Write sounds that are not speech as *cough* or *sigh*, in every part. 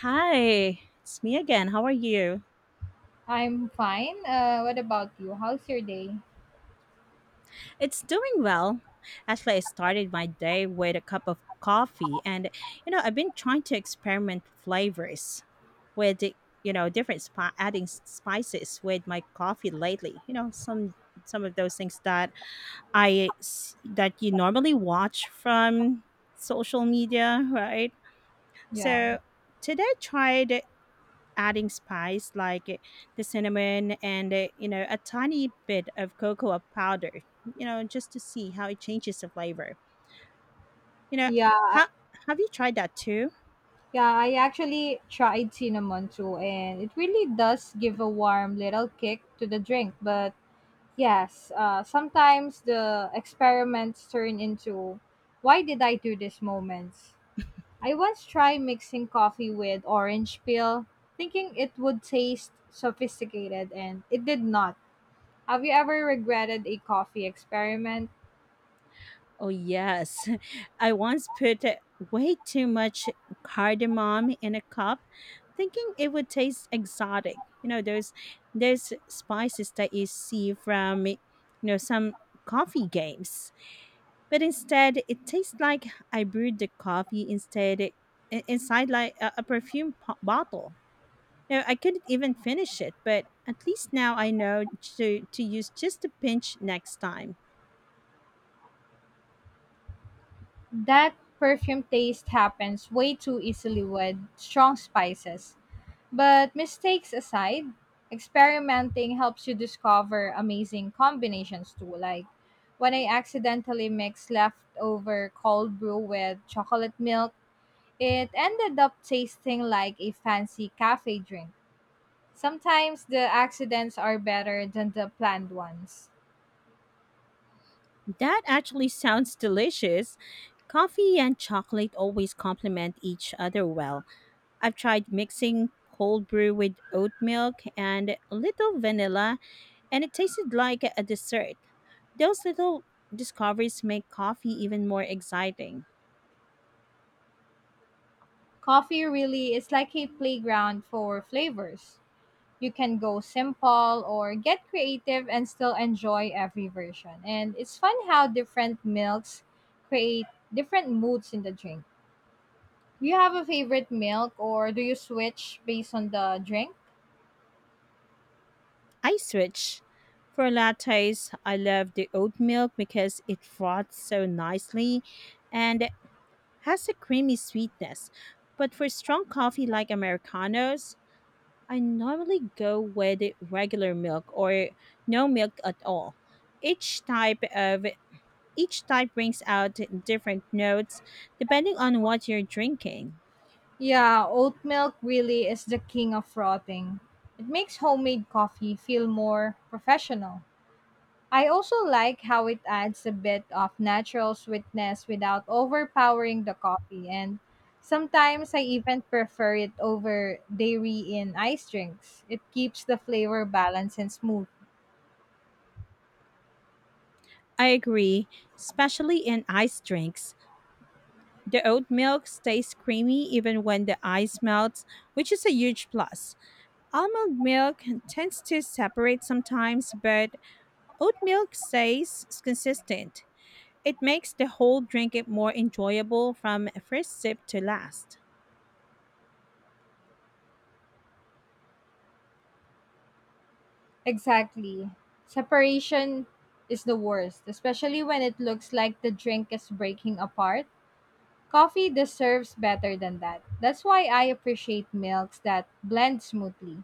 Hi, it's me again. How are you? I'm fine. What about you? How's your day? It's doing well. Actually, I started my day with a cup of coffee, and I've been trying to experiment flavors with the- different adding spices with my coffee lately. Some of those things that that you normally watch from social media, right? Yeah. So today I tried adding spice like the cinnamon and a tiny bit of cocoa powder just to see how it changes the flavor you know Yeah, I- ha- have you tried that too? yeah, I actually tried cinnamon too, and it really does give a warm little kick to the drink. But yes, sometimes the experiments turn into why did I do this moments? I once tried mixing coffee with orange peel, thinking it would taste sophisticated, and it did not. Have you ever regretted a coffee experiment? Oh yes. *laughs* I once put way too much cardamom in a cup thinking it would taste exotic, those spices that you see from some coffee games. But instead, it tastes like I brewed the coffee inside like a perfume bottle. You I couldn't even finish it, but at least now I know to use just a pinch next time. That perfume taste happens way too easily with strong spices. But mistakes aside, experimenting helps you discover amazing combinations too. Like when I accidentally mixed leftover cold brew with chocolate milk, it ended up tasting like a fancy cafe drink. Sometimes the accidents are better than the planned ones. That actually sounds delicious. Coffee and chocolate always complement each other well. I've tried mixing cold brew with oat milk and a little vanilla, and it tasted like a dessert. Those little discoveries make coffee even more exciting. Coffee really is like a playground for flavors. You can go simple or get creative and still enjoy every version. And it's fun how different milks create different moods in the drink. Do you have a favorite milk or do you switch based on the drink? I switch. For lattes, I love the oat milk because it froths so nicely and has a creamy sweetness. But for strong coffee like Americanos, I normally go with regular milk or no milk at all. Each type of each type brings out different notes depending on what you're drinking. Yeah, oat milk really is the king of frothing. It makes homemade coffee feel more professional. I also like how it adds a bit of natural sweetness without overpowering the coffee, and sometimes I even prefer it over dairy in ice drinks. It keeps the flavor balanced and smooth. I agree, especially in iced drinks. The oat milk stays creamy even when the ice melts, which is a huge plus. Almond milk tends to separate sometimes, but oat milk stays consistent. It makes the whole drink it more enjoyable from first sip to last. Exactly. Separation is the worst, especially when it looks like the drink is breaking apart. Coffee deserves better than that. That's why I appreciate milks that blend smoothly.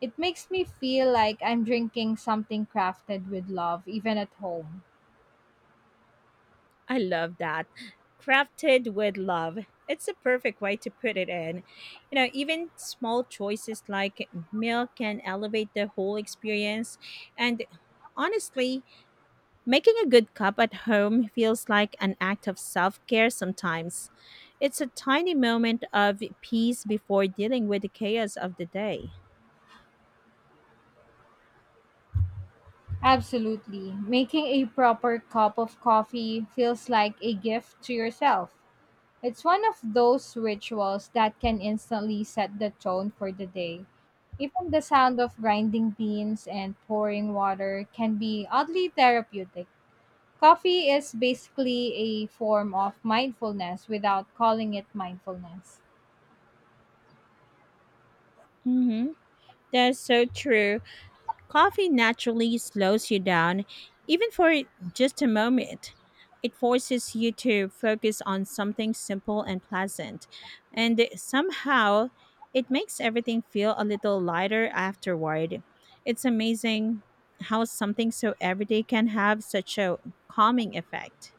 It makes me feel like I'm drinking something crafted with love, even at home. I love that. Crafted with love. It's a perfect way to put it in. You know, even small choices like milk can elevate the whole experience. And honestly, making a good cup at home feels like an act of self care sometimes. It's a tiny moment of peace before dealing with the chaos of the day. Absolutely. Making a proper cup of coffee feels like a gift to yourself. It's one of those rituals that can instantly set the tone for the day. Even the sound of grinding beans and pouring water can be oddly therapeutic. Coffee is basically a form of mindfulness without calling it mindfulness. Mm-hmm. That's so true. Coffee naturally slows you down, even for just a moment. It forces you to focus on something simple and pleasant, and somehow it makes everything feel a little lighter afterward. It's amazing how something so everyday can have such a calming effect.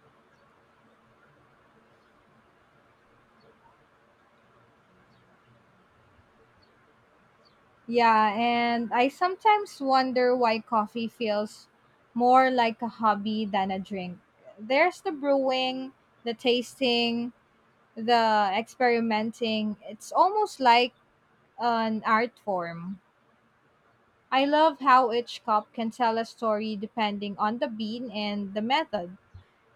Yeah, and I sometimes wonder why coffee feels more like a hobby than a drink. There's the brewing, the tasting, the experimenting. It's almost like an art form. I love how each cup can tell a story depending on the bean and the method.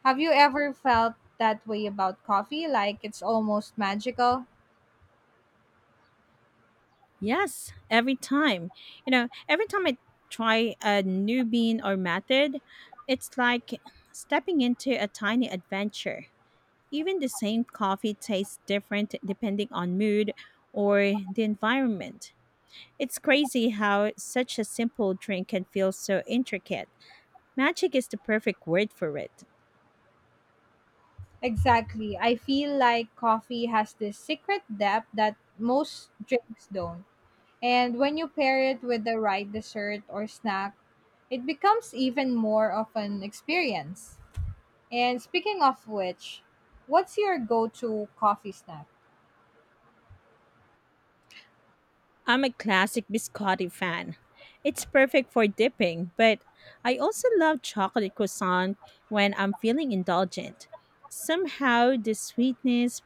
Have you ever felt that way about coffee, like it's almost magical? Yes, every time. You know, every time I try a new bean or method, it's like stepping into a tiny adventure. Even the same coffee tastes different depending on mood or the environment. It's crazy how such a simple drink can feel so intricate. Magic is the perfect word for it. Exactly. I feel like coffee has this secret depth that most drinks don't. And when you pair it with the right dessert or snack, it becomes even more of an experience. And speaking of which, what's your go to coffee snack? I'm a classic biscotti fan. It's perfect for dipping, but I also love chocolate croissant when I'm feeling indulgent. Somehow the sweetness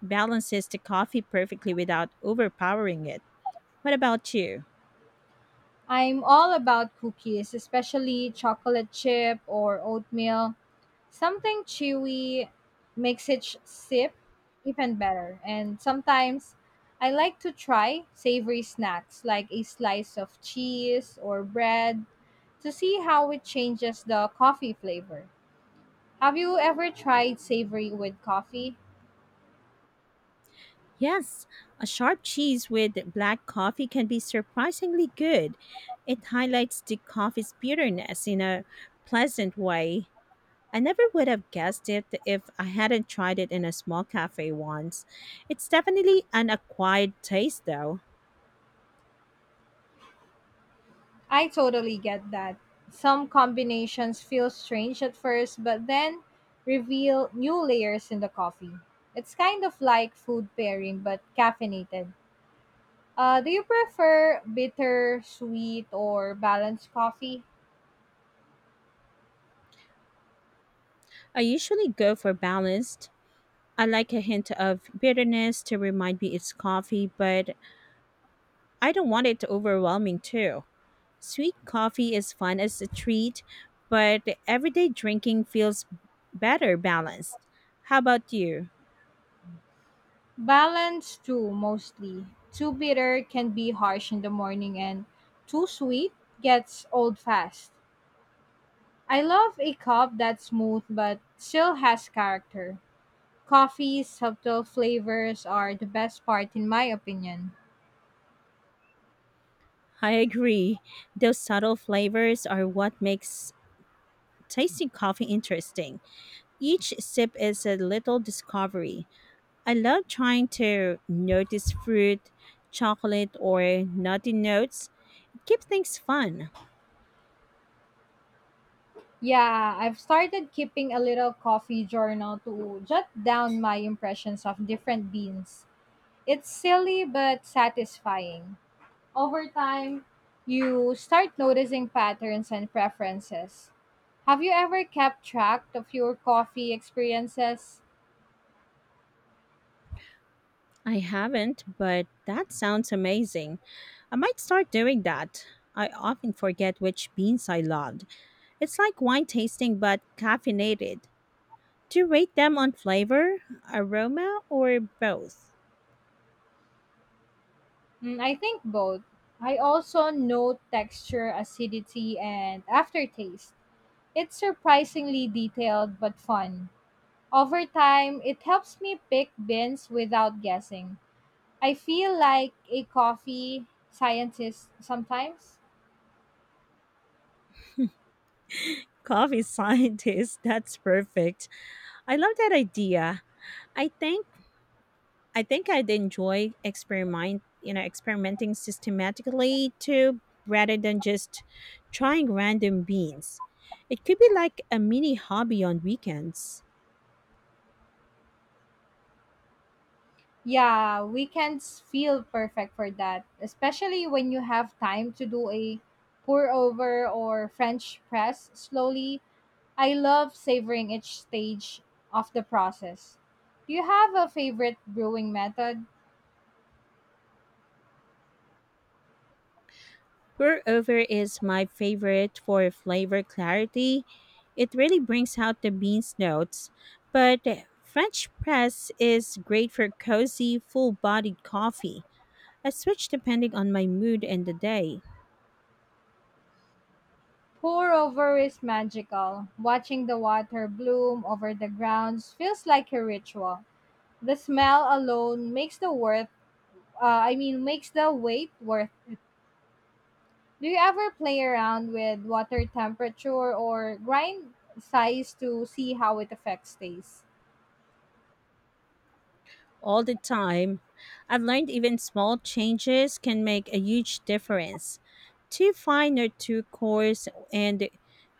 balances the coffee perfectly without overpowering it. What about you? I'm all about cookies, especially chocolate chip or oatmeal. Something chewy makes each sip even better. And sometimes I like to try savory snacks like a slice of cheese or bread to see how it changes the coffee flavor. Have you ever tried savory with coffee? Yes, a sharp cheese with black coffee can be surprisingly good. It highlights the coffee's bitterness in a pleasant way. I never would have guessed it if I hadn't tried it in a small cafe once. It's definitely an acquired taste, though. I totally get that. Some combinations feel strange at first, but then reveal new layers in the coffee. It's kind of like food pairing, but caffeinated. Do you prefer bitter, sweet, or balanced coffee? I usually go for balanced. I like a hint of bitterness to remind me it's coffee, but I don't want it overwhelming too. Sweet coffee is fun as a treat, but everyday drinking feels better balanced. How about you? Balanced too, mostly. Too bitter can be harsh in the morning, and too sweet gets old fast. I love a cup that's smooth but still has character. Coffee's subtle flavors are the best part, in my opinion. I agree. Those subtle flavors are what makes tasting coffee interesting. Each sip is a little discovery. I love trying to notice fruit, chocolate, or nutty notes. Keep things fun. Yeah, I've started keeping a little coffee journal to jot down my impressions of different beans. It's silly but satisfying. Over time, you start noticing patterns and preferences. Have you ever kept track of your coffee experiences? I haven't, but that sounds amazing. I might start doing that. I often forget which beans I loved. It's like wine tasting but caffeinated. Do you rate them on flavor, aroma, or both? Mm, I think both. I also note texture, acidity, and aftertaste. It's surprisingly detailed but fun. Over time, it helps me pick beans without guessing. I feel like a coffee scientist sometimes. Coffee *laughs* scientist. That's perfect. I love that idea. I think I think I'd enjoy experimenting systematically too rather than just trying random beans. It could be like a mini hobby on weekends. Yeah, weekends feel perfect for that, especially when you have time to do a pour over or French press slowly. I love savoring each stage of the process. Do you have a favorite brewing method? Pour over is my favorite for flavor clarity. It really brings out the beans notes, but French press is great for cozy, full bodied coffee. I switch depending on my mood and the day. Pour over is magical. Watching the water bloom over the grounds feels like a ritual. The smell alone makes the wait worth. Do you ever play around with water temperature or grind size to see how it affects taste? All the time. I've learned even small changes can make a huge difference. Too fine or too coarse, and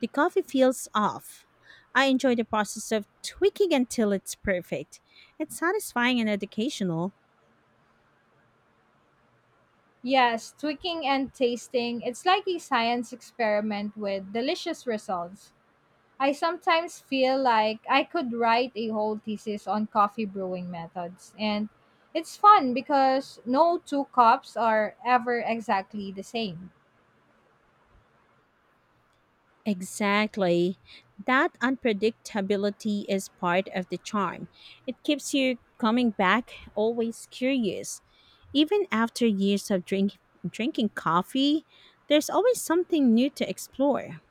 the coffee feels off. I enjoy the process of tweaking until it's perfect. It's satisfying and educational. Yes, tweaking and tasting, it's like a science experiment with delicious results. I sometimes feel like I could write a whole thesis on coffee brewing methods. And it's fun because no two cups are ever exactly the same. Exactly. That unpredictability is part of the charm. It keeps you coming back, always curious. Even after years of drinking coffee, there's always something new to explore.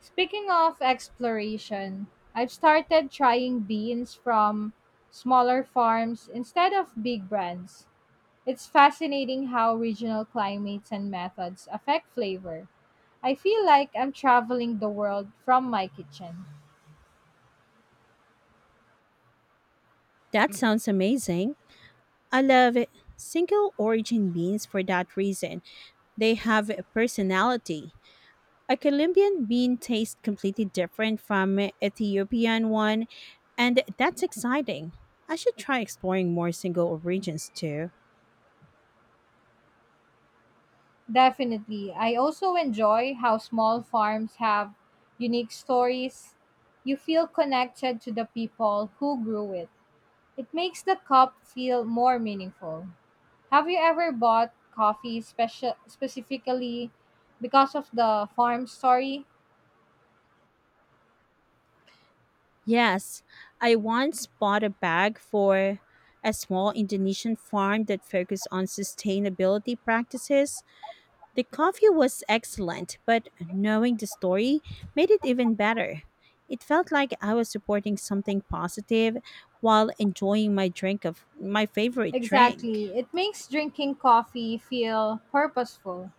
Speaking of exploration, I've started trying beans from smaller farms instead of big brands. It's fascinating how regional climates and methods affect flavor. I feel like I'm traveling the world from my kitchen. That sounds amazing. I love single origin beans for that reason. They have a personality. A Colombian bean tastes completely different from an Ethiopian one, and that's exciting. I should try exploring more single origins too. Definitely. I also enjoy how small farms have unique stories. You feel connected to the people who grew it. It makes the cup feel more meaningful. Have you ever bought coffee special specifically because of the farm story? Yes, I once bought a bag for a small Indonesian farm that focused on sustainability practices. The coffee was excellent, but knowing the story made it even better. It felt like I was supporting something positive while enjoying my favorite drink. Exactly. It makes drinking coffee feel purposeful.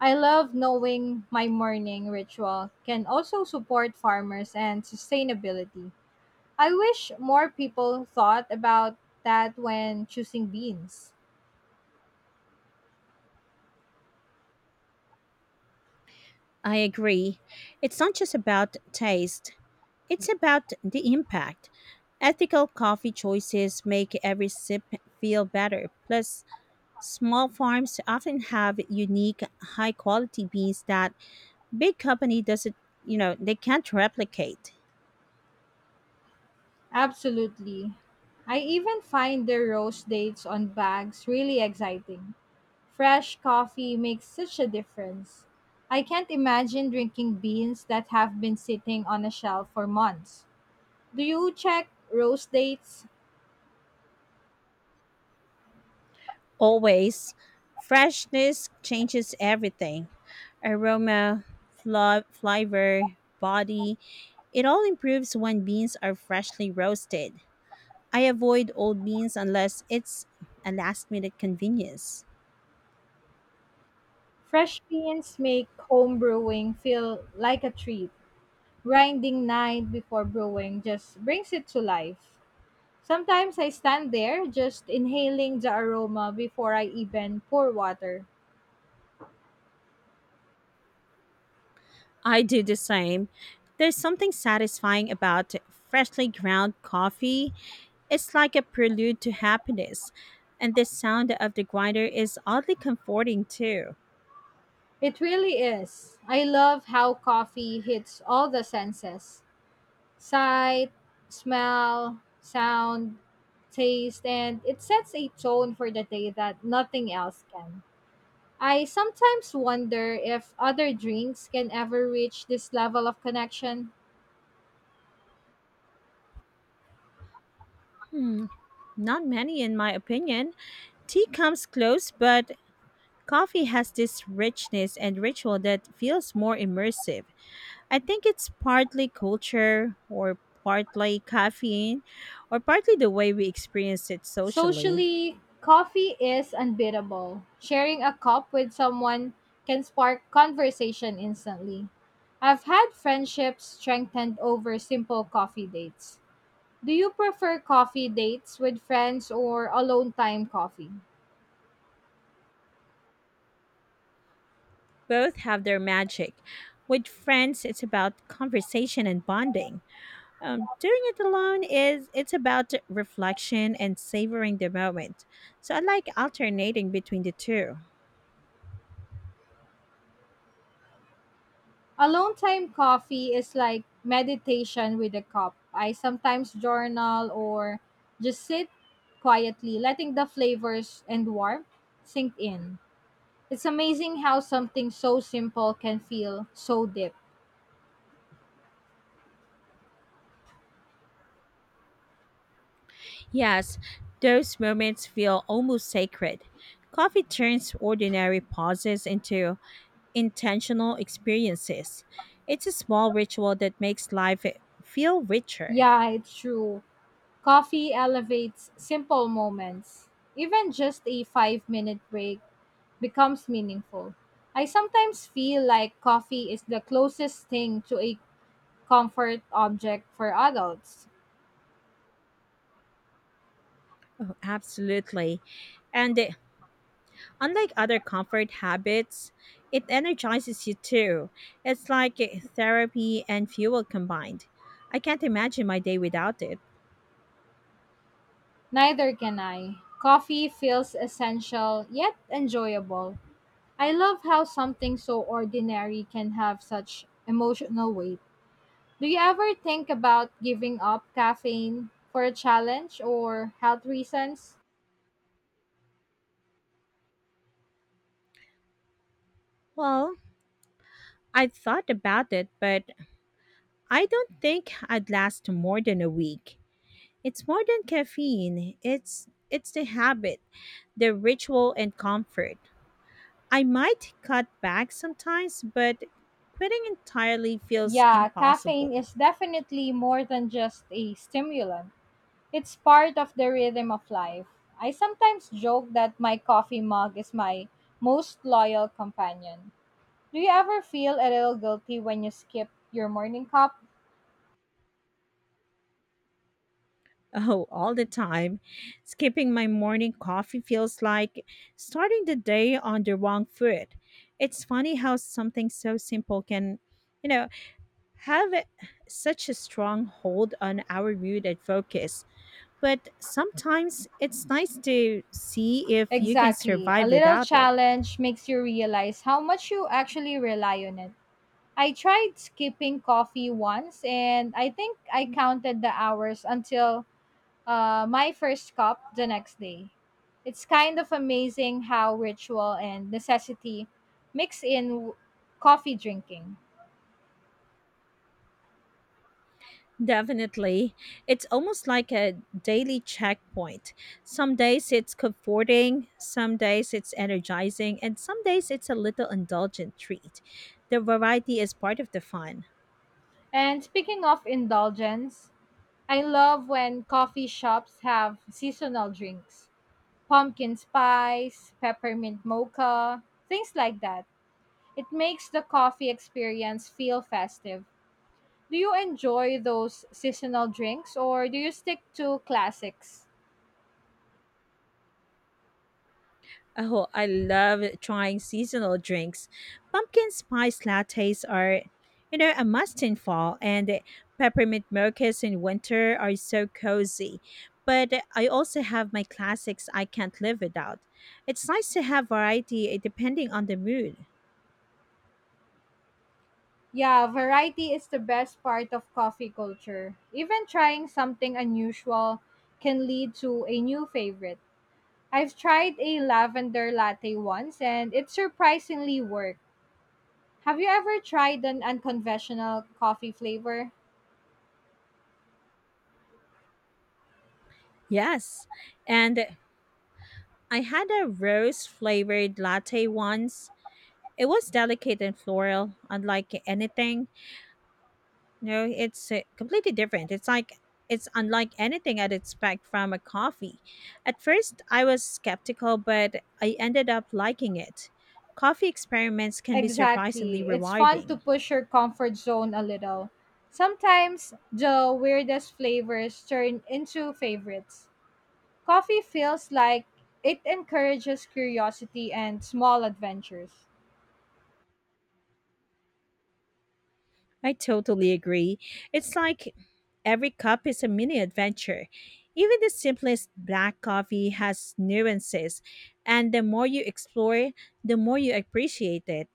I love knowing my morning ritual can also support farmers and sustainability. I wish more people thought about that when choosing beans. I agree. It's not just about taste, it's about the impact. Ethical coffee choices make every sip feel better. Plus, small farms often have unique, high quality beans that big company doesn't, you know, they can't replicate. Absolutely. I even find the roast dates on bags really exciting. Fresh coffee makes such a difference. I can't imagine drinking beans that have been sitting on a shelf for months. Do you check roast dates? Always, freshness changes everything. Aroma, flavor, body, it all improves when beans are freshly roasted. I avoid old beans unless it's a last minute convenience. Fresh beans make home brewing feel like a treat. Grinding night before brewing just brings it to life. Sometimes I stand there just inhaling the aroma before I even pour water. I do the same. There's something satisfying about freshly ground coffee. It's like a prelude to happiness. And the sound of the grinder is oddly comforting too. It really is. I love how coffee hits all the senses. Sight, smell, sound, taste, and it sets a tone for the day that nothing else can. I sometimes wonder if other drinks can ever reach this level of connection. Hmm, not many in my opinion. Tea comes close, but coffee has this richness and ritual that feels more immersive. I think it's partly culture or partly caffeine or partly the way we experience it socially. Socially, coffee is unbeatable. Sharing a cup with someone can spark conversation instantly. I've had friendships strengthened over simple coffee dates. Do you prefer coffee dates with friends or alone time coffee? Both have their magic. With friends, it's about conversation and bonding. Doing it alone is it's about reflection and savoring the moment. So I like alternating between the two. Alone time coffee is like meditation with a cup. I sometimes journal or just sit quietly, letting the flavors and warmth sink in. It's amazing how something so simple can feel so deep. Yes, those moments feel almost sacred. Coffee turns ordinary pauses into intentional experiences. It's a small ritual that makes life feel richer. Yeah, it's true. Coffee elevates simple moments. Even just a 5-minute break becomes meaningful. I sometimes feel like coffee is the closest thing to a comfort object for adults. Oh, absolutely. And unlike other comfort habits, it energizes you too. It's like therapy and fuel combined. I can't imagine my day without it. Neither can I. Coffee feels essential yet enjoyable. I love how something so ordinary can have such emotional weight. Do you ever think about giving up caffeine for a challenge or health reasons? Well, I thought about it, but I don't think I'd last more than a week. It's more than caffeine. It's the habit, the ritual and comfort. I might cut back sometimes, but quitting entirely feels Yeah, caffeine impossible. *laughs* is definitely more than just a stimulant. It's part of the rhythm of life. I sometimes joke that my coffee mug is my most loyal companion. Do you ever feel a little guilty when you skip your morning cup? Oh, all the time. Skipping my morning coffee feels like starting the day on the wrong foot. It's funny how something so simple can, you know, have such a strong hold on our mood and focus. But sometimes it's nice to see if you can Exactly. A survive little without it. challenge makes you realize how much you actually rely on it. I tried skipping coffee once and I think I counted the hours until my first cup the next day. It's kind of amazing how ritual and necessity mix in w- coffee drinking. Definitely. It's almost like a daily checkpoint. Some days it's comforting, some days it's energizing, and some days it's a little indulgent treat. The variety is part of the fun. And speaking of indulgence, I love when coffee shops have seasonal drinks. Pumpkin spice, peppermint mocha, things like that. It makes the coffee experience feel festive. Do you enjoy those seasonal drinks or do you stick to classics? Oh, I love trying seasonal drinks. Pumpkin spice lattes are, you know, a must in fall, and peppermint mochas in winter are so cozy. But I also have my classics I can't live without. It's nice to have variety depending on the mood. Yeah, variety is the best part of coffee culture. Even trying something unusual can lead to a new favorite. I've tried a lavender latte once and it surprisingly worked. Have you ever tried an unconventional coffee flavor? Yes. And I had a rose flavored latte once. It was delicate and floral, unlike anything. No, it's completely different. It's unlike anything I'd expect from a coffee. At first, I was skeptical, but I ended up liking it. Coffee experiments can be Exactly. surprisingly It's fun to rewarding. push your comfort zone a little. Sometimes the weirdest flavors turn into favorites. Coffee feels like it encourages curiosity and small adventures. I totally agree. It's like every cup is a mini adventure. Even the simplest black coffee has nuances, and the more you explore, the more you appreciate it.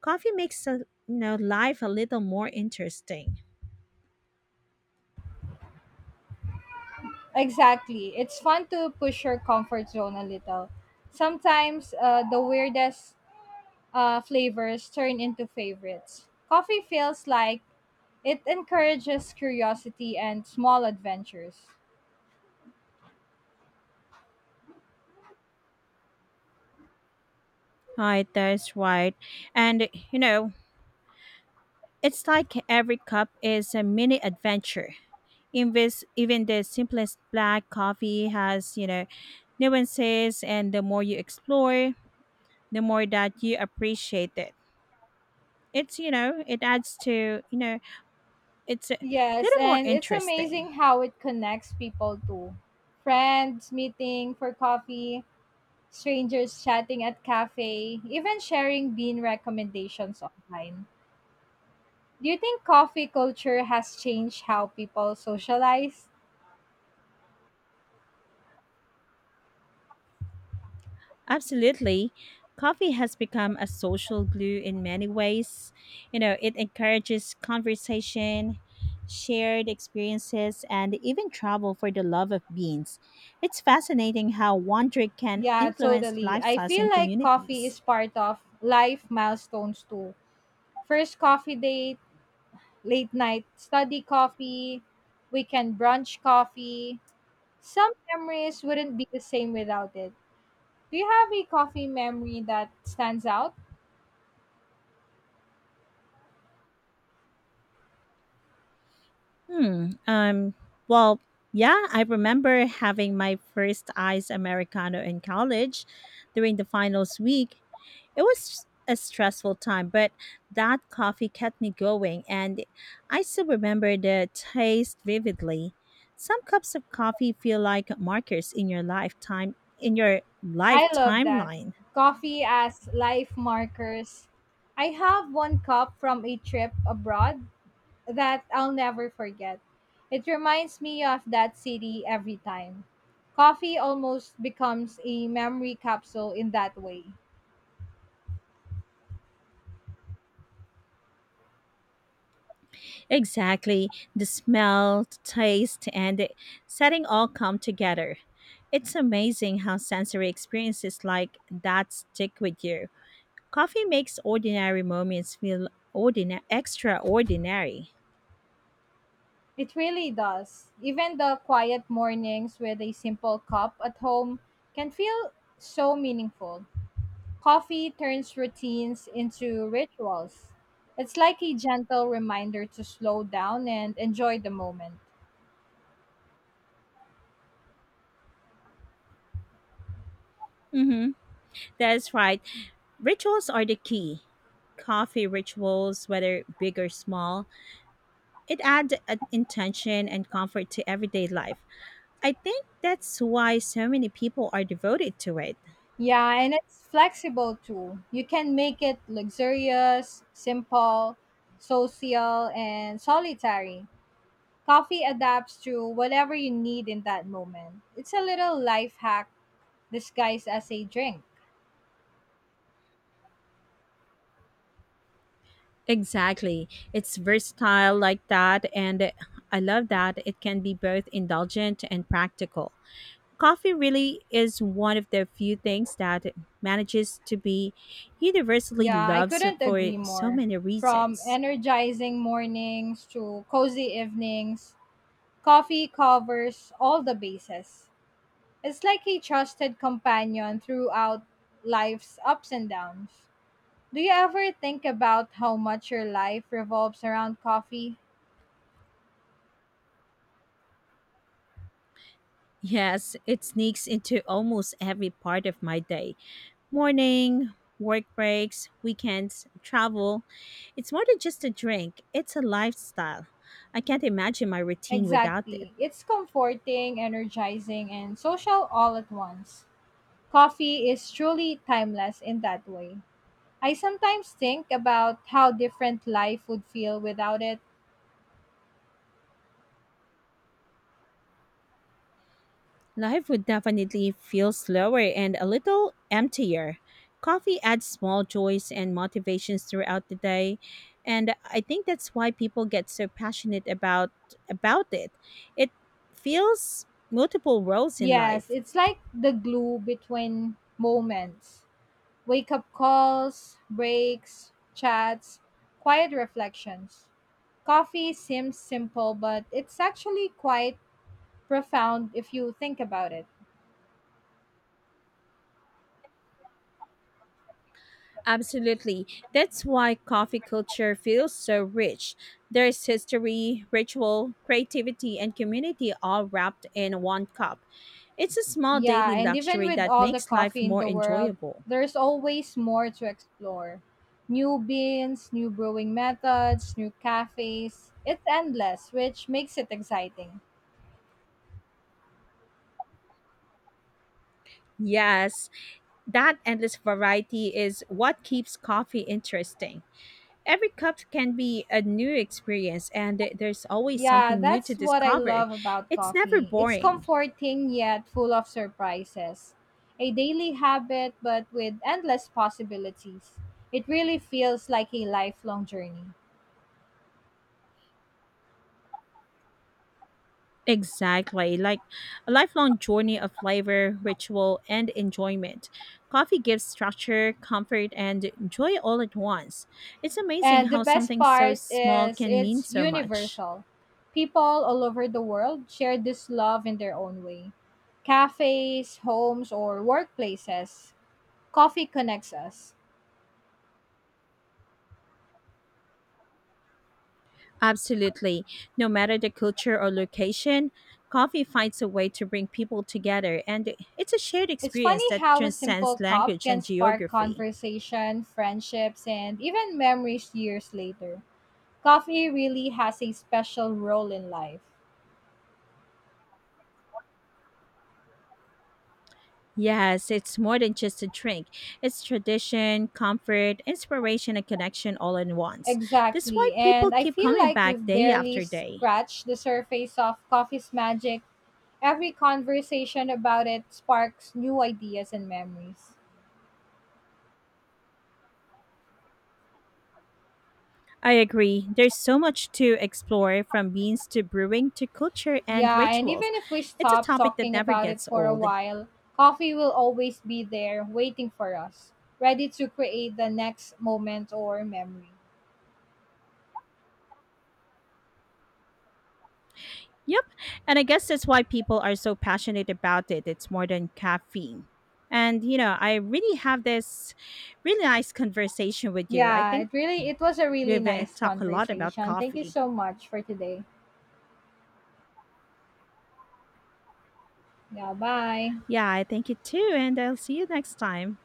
Coffee makes you know life a little more interesting. Exactly. It's fun to push your comfort zone a little. Sometimes the weirdest flavors turn into favorites. Coffee feels like it encourages curiosity and small adventures. Right, that's right. And you know, it's like every cup is a mini adventure. In this, even the simplest black coffee has, you know, nuances, and the more you explore, the more that you appreciate it. It's, you know, it adds to, you know, it's a Yes, little more and it's interesting. amazing how it connects people too. Friends meeting for coffee, strangers chatting at cafe, even sharing bean recommendations online. Do you think coffee culture has changed how people socialize? Absolutely. Coffee has become a social glue in many ways. You know, it encourages conversation, shared experiences, and even travel for the love of beans. It's fascinating how one drink can Yeah, influence totally. I lifestyles feel and like coffee communities. is part of life milestones too. First coffee date, late night study coffee, weekend brunch coffee. Some memories wouldn't be the same without it. Do you have a coffee memory that stands out? Hmm. Um. Well, yeah, I remember having my first iced americano in college during the finals week. It was a stressful time, but that coffee kept me going, and I still remember the taste vividly. Some cups of coffee feel like markers in your lifetime in your life I love that. timeline. Coffee as life markers. I have one cup from a trip abroad that I'll never forget. It reminds me of that city every time. Coffee almost becomes a memory capsule in that way. Exactly, the smell, the taste, and the setting all come together. It's amazing how sensory experiences like that stick with you. Coffee makes ordinary moments feel extraordinary. It really does. Even the quiet mornings with a simple cup at home can feel so meaningful. Coffee turns routines into rituals. It's like a gentle reminder to slow down and enjoy the moment. hmm That's right. Rituals are the key. Coffee rituals, whether big or small, it adds an intention and comfort to everyday life. I think that's why so many people are devoted to it. Yeah, and it's flexible too. You can make it luxurious, simple, social, and solitary. Coffee adapts to whatever you need in that moment. It's a little life hack disguised as a drink. Exactly. It's versatile like that, and I love that it can be both indulgent and practical. Coffee really is one of the few things that manages to be universally Yeah, I loved couldn't for agree so more. many From reasons. energizing mornings to cozy evenings, coffee covers all the bases. It's like a trusted companion throughout life's ups and downs. Do you ever think about how much your life revolves around coffee? Yes, it sneaks into almost every part of my day: morning, work breaks, weekends, travel. It's more than just a drink, it's a lifestyle. I can't imagine my routine without it. Exactly. It's comforting, energizing, and social all at once. Coffee is truly timeless in that way. I sometimes think about how different life would feel without it. Life would definitely feel slower and a little emptier. Coffee adds small joys and motivations throughout the day, and I think that's why people get so passionate about it. It fills multiple roles in Yes, life. it's like the glue between moments. Wake up calls, breaks, chats, quiet reflections. Coffee seems simple, but it's actually quite profound if you think about it. Absolutely. That's why coffee culture feels so rich. There's history, ritual, creativity, and community all wrapped in one cup. It's a small Yeah, daily and even luxury with that all the makes life coffee in more the world, enjoyable. there's always more to explore. New beans, new brewing methods, new cafes. It's endless, which makes it exciting. Yes, that endless variety is what keeps coffee interesting. Every cup can be a new experience, and there's always Yeah, something new to that's what I discover. love about It's never coffee. It's boring. comforting yet full of surprises. A daily habit, but with endless possibilities. It really feels like a lifelong journey. Exactly, like a lifelong journey of flavor, ritual, and enjoyment. Coffee gives structure, comfort, and joy all at once. It's amazing And the how best something so part small is can mean it's so much. universal. People all over the world share this love in their own way. Cafes, homes, or workplaces, coffee connects us. Absolutely. No matter the culture or location, coffee finds a way to bring people together, and it's a shared It's experience funny that how a transcends simple cup language can and spark geography. conversation, friendships, and even memories years later. Coffee really has a special role in life. Yes, it's more than just a drink. It's tradition, comfort, inspiration, and connection all in once. That's why Exactly, people and I keep feel coming like back we've day barely after day. scratched the surface of coffee's magic. Every conversation about it sparks new ideas and memories. I agree. There's so much to explore from beans to brewing to culture and Yeah, and rituals. even if we It's a stop topic that talking never about it gets for a old. while, coffee will always be there waiting for us, ready to create the next moment or memory. Yep, and I guess that's why people are so passionate about it. It's more than caffeine. And, you know, I really have this really nice conversation with you. I Yeah, think it really it was a really we've nice talked a lot about conversation. Thank you coffee. so much for today. Yeah, bye. Yeah, I thank you too, and I'll see you next time.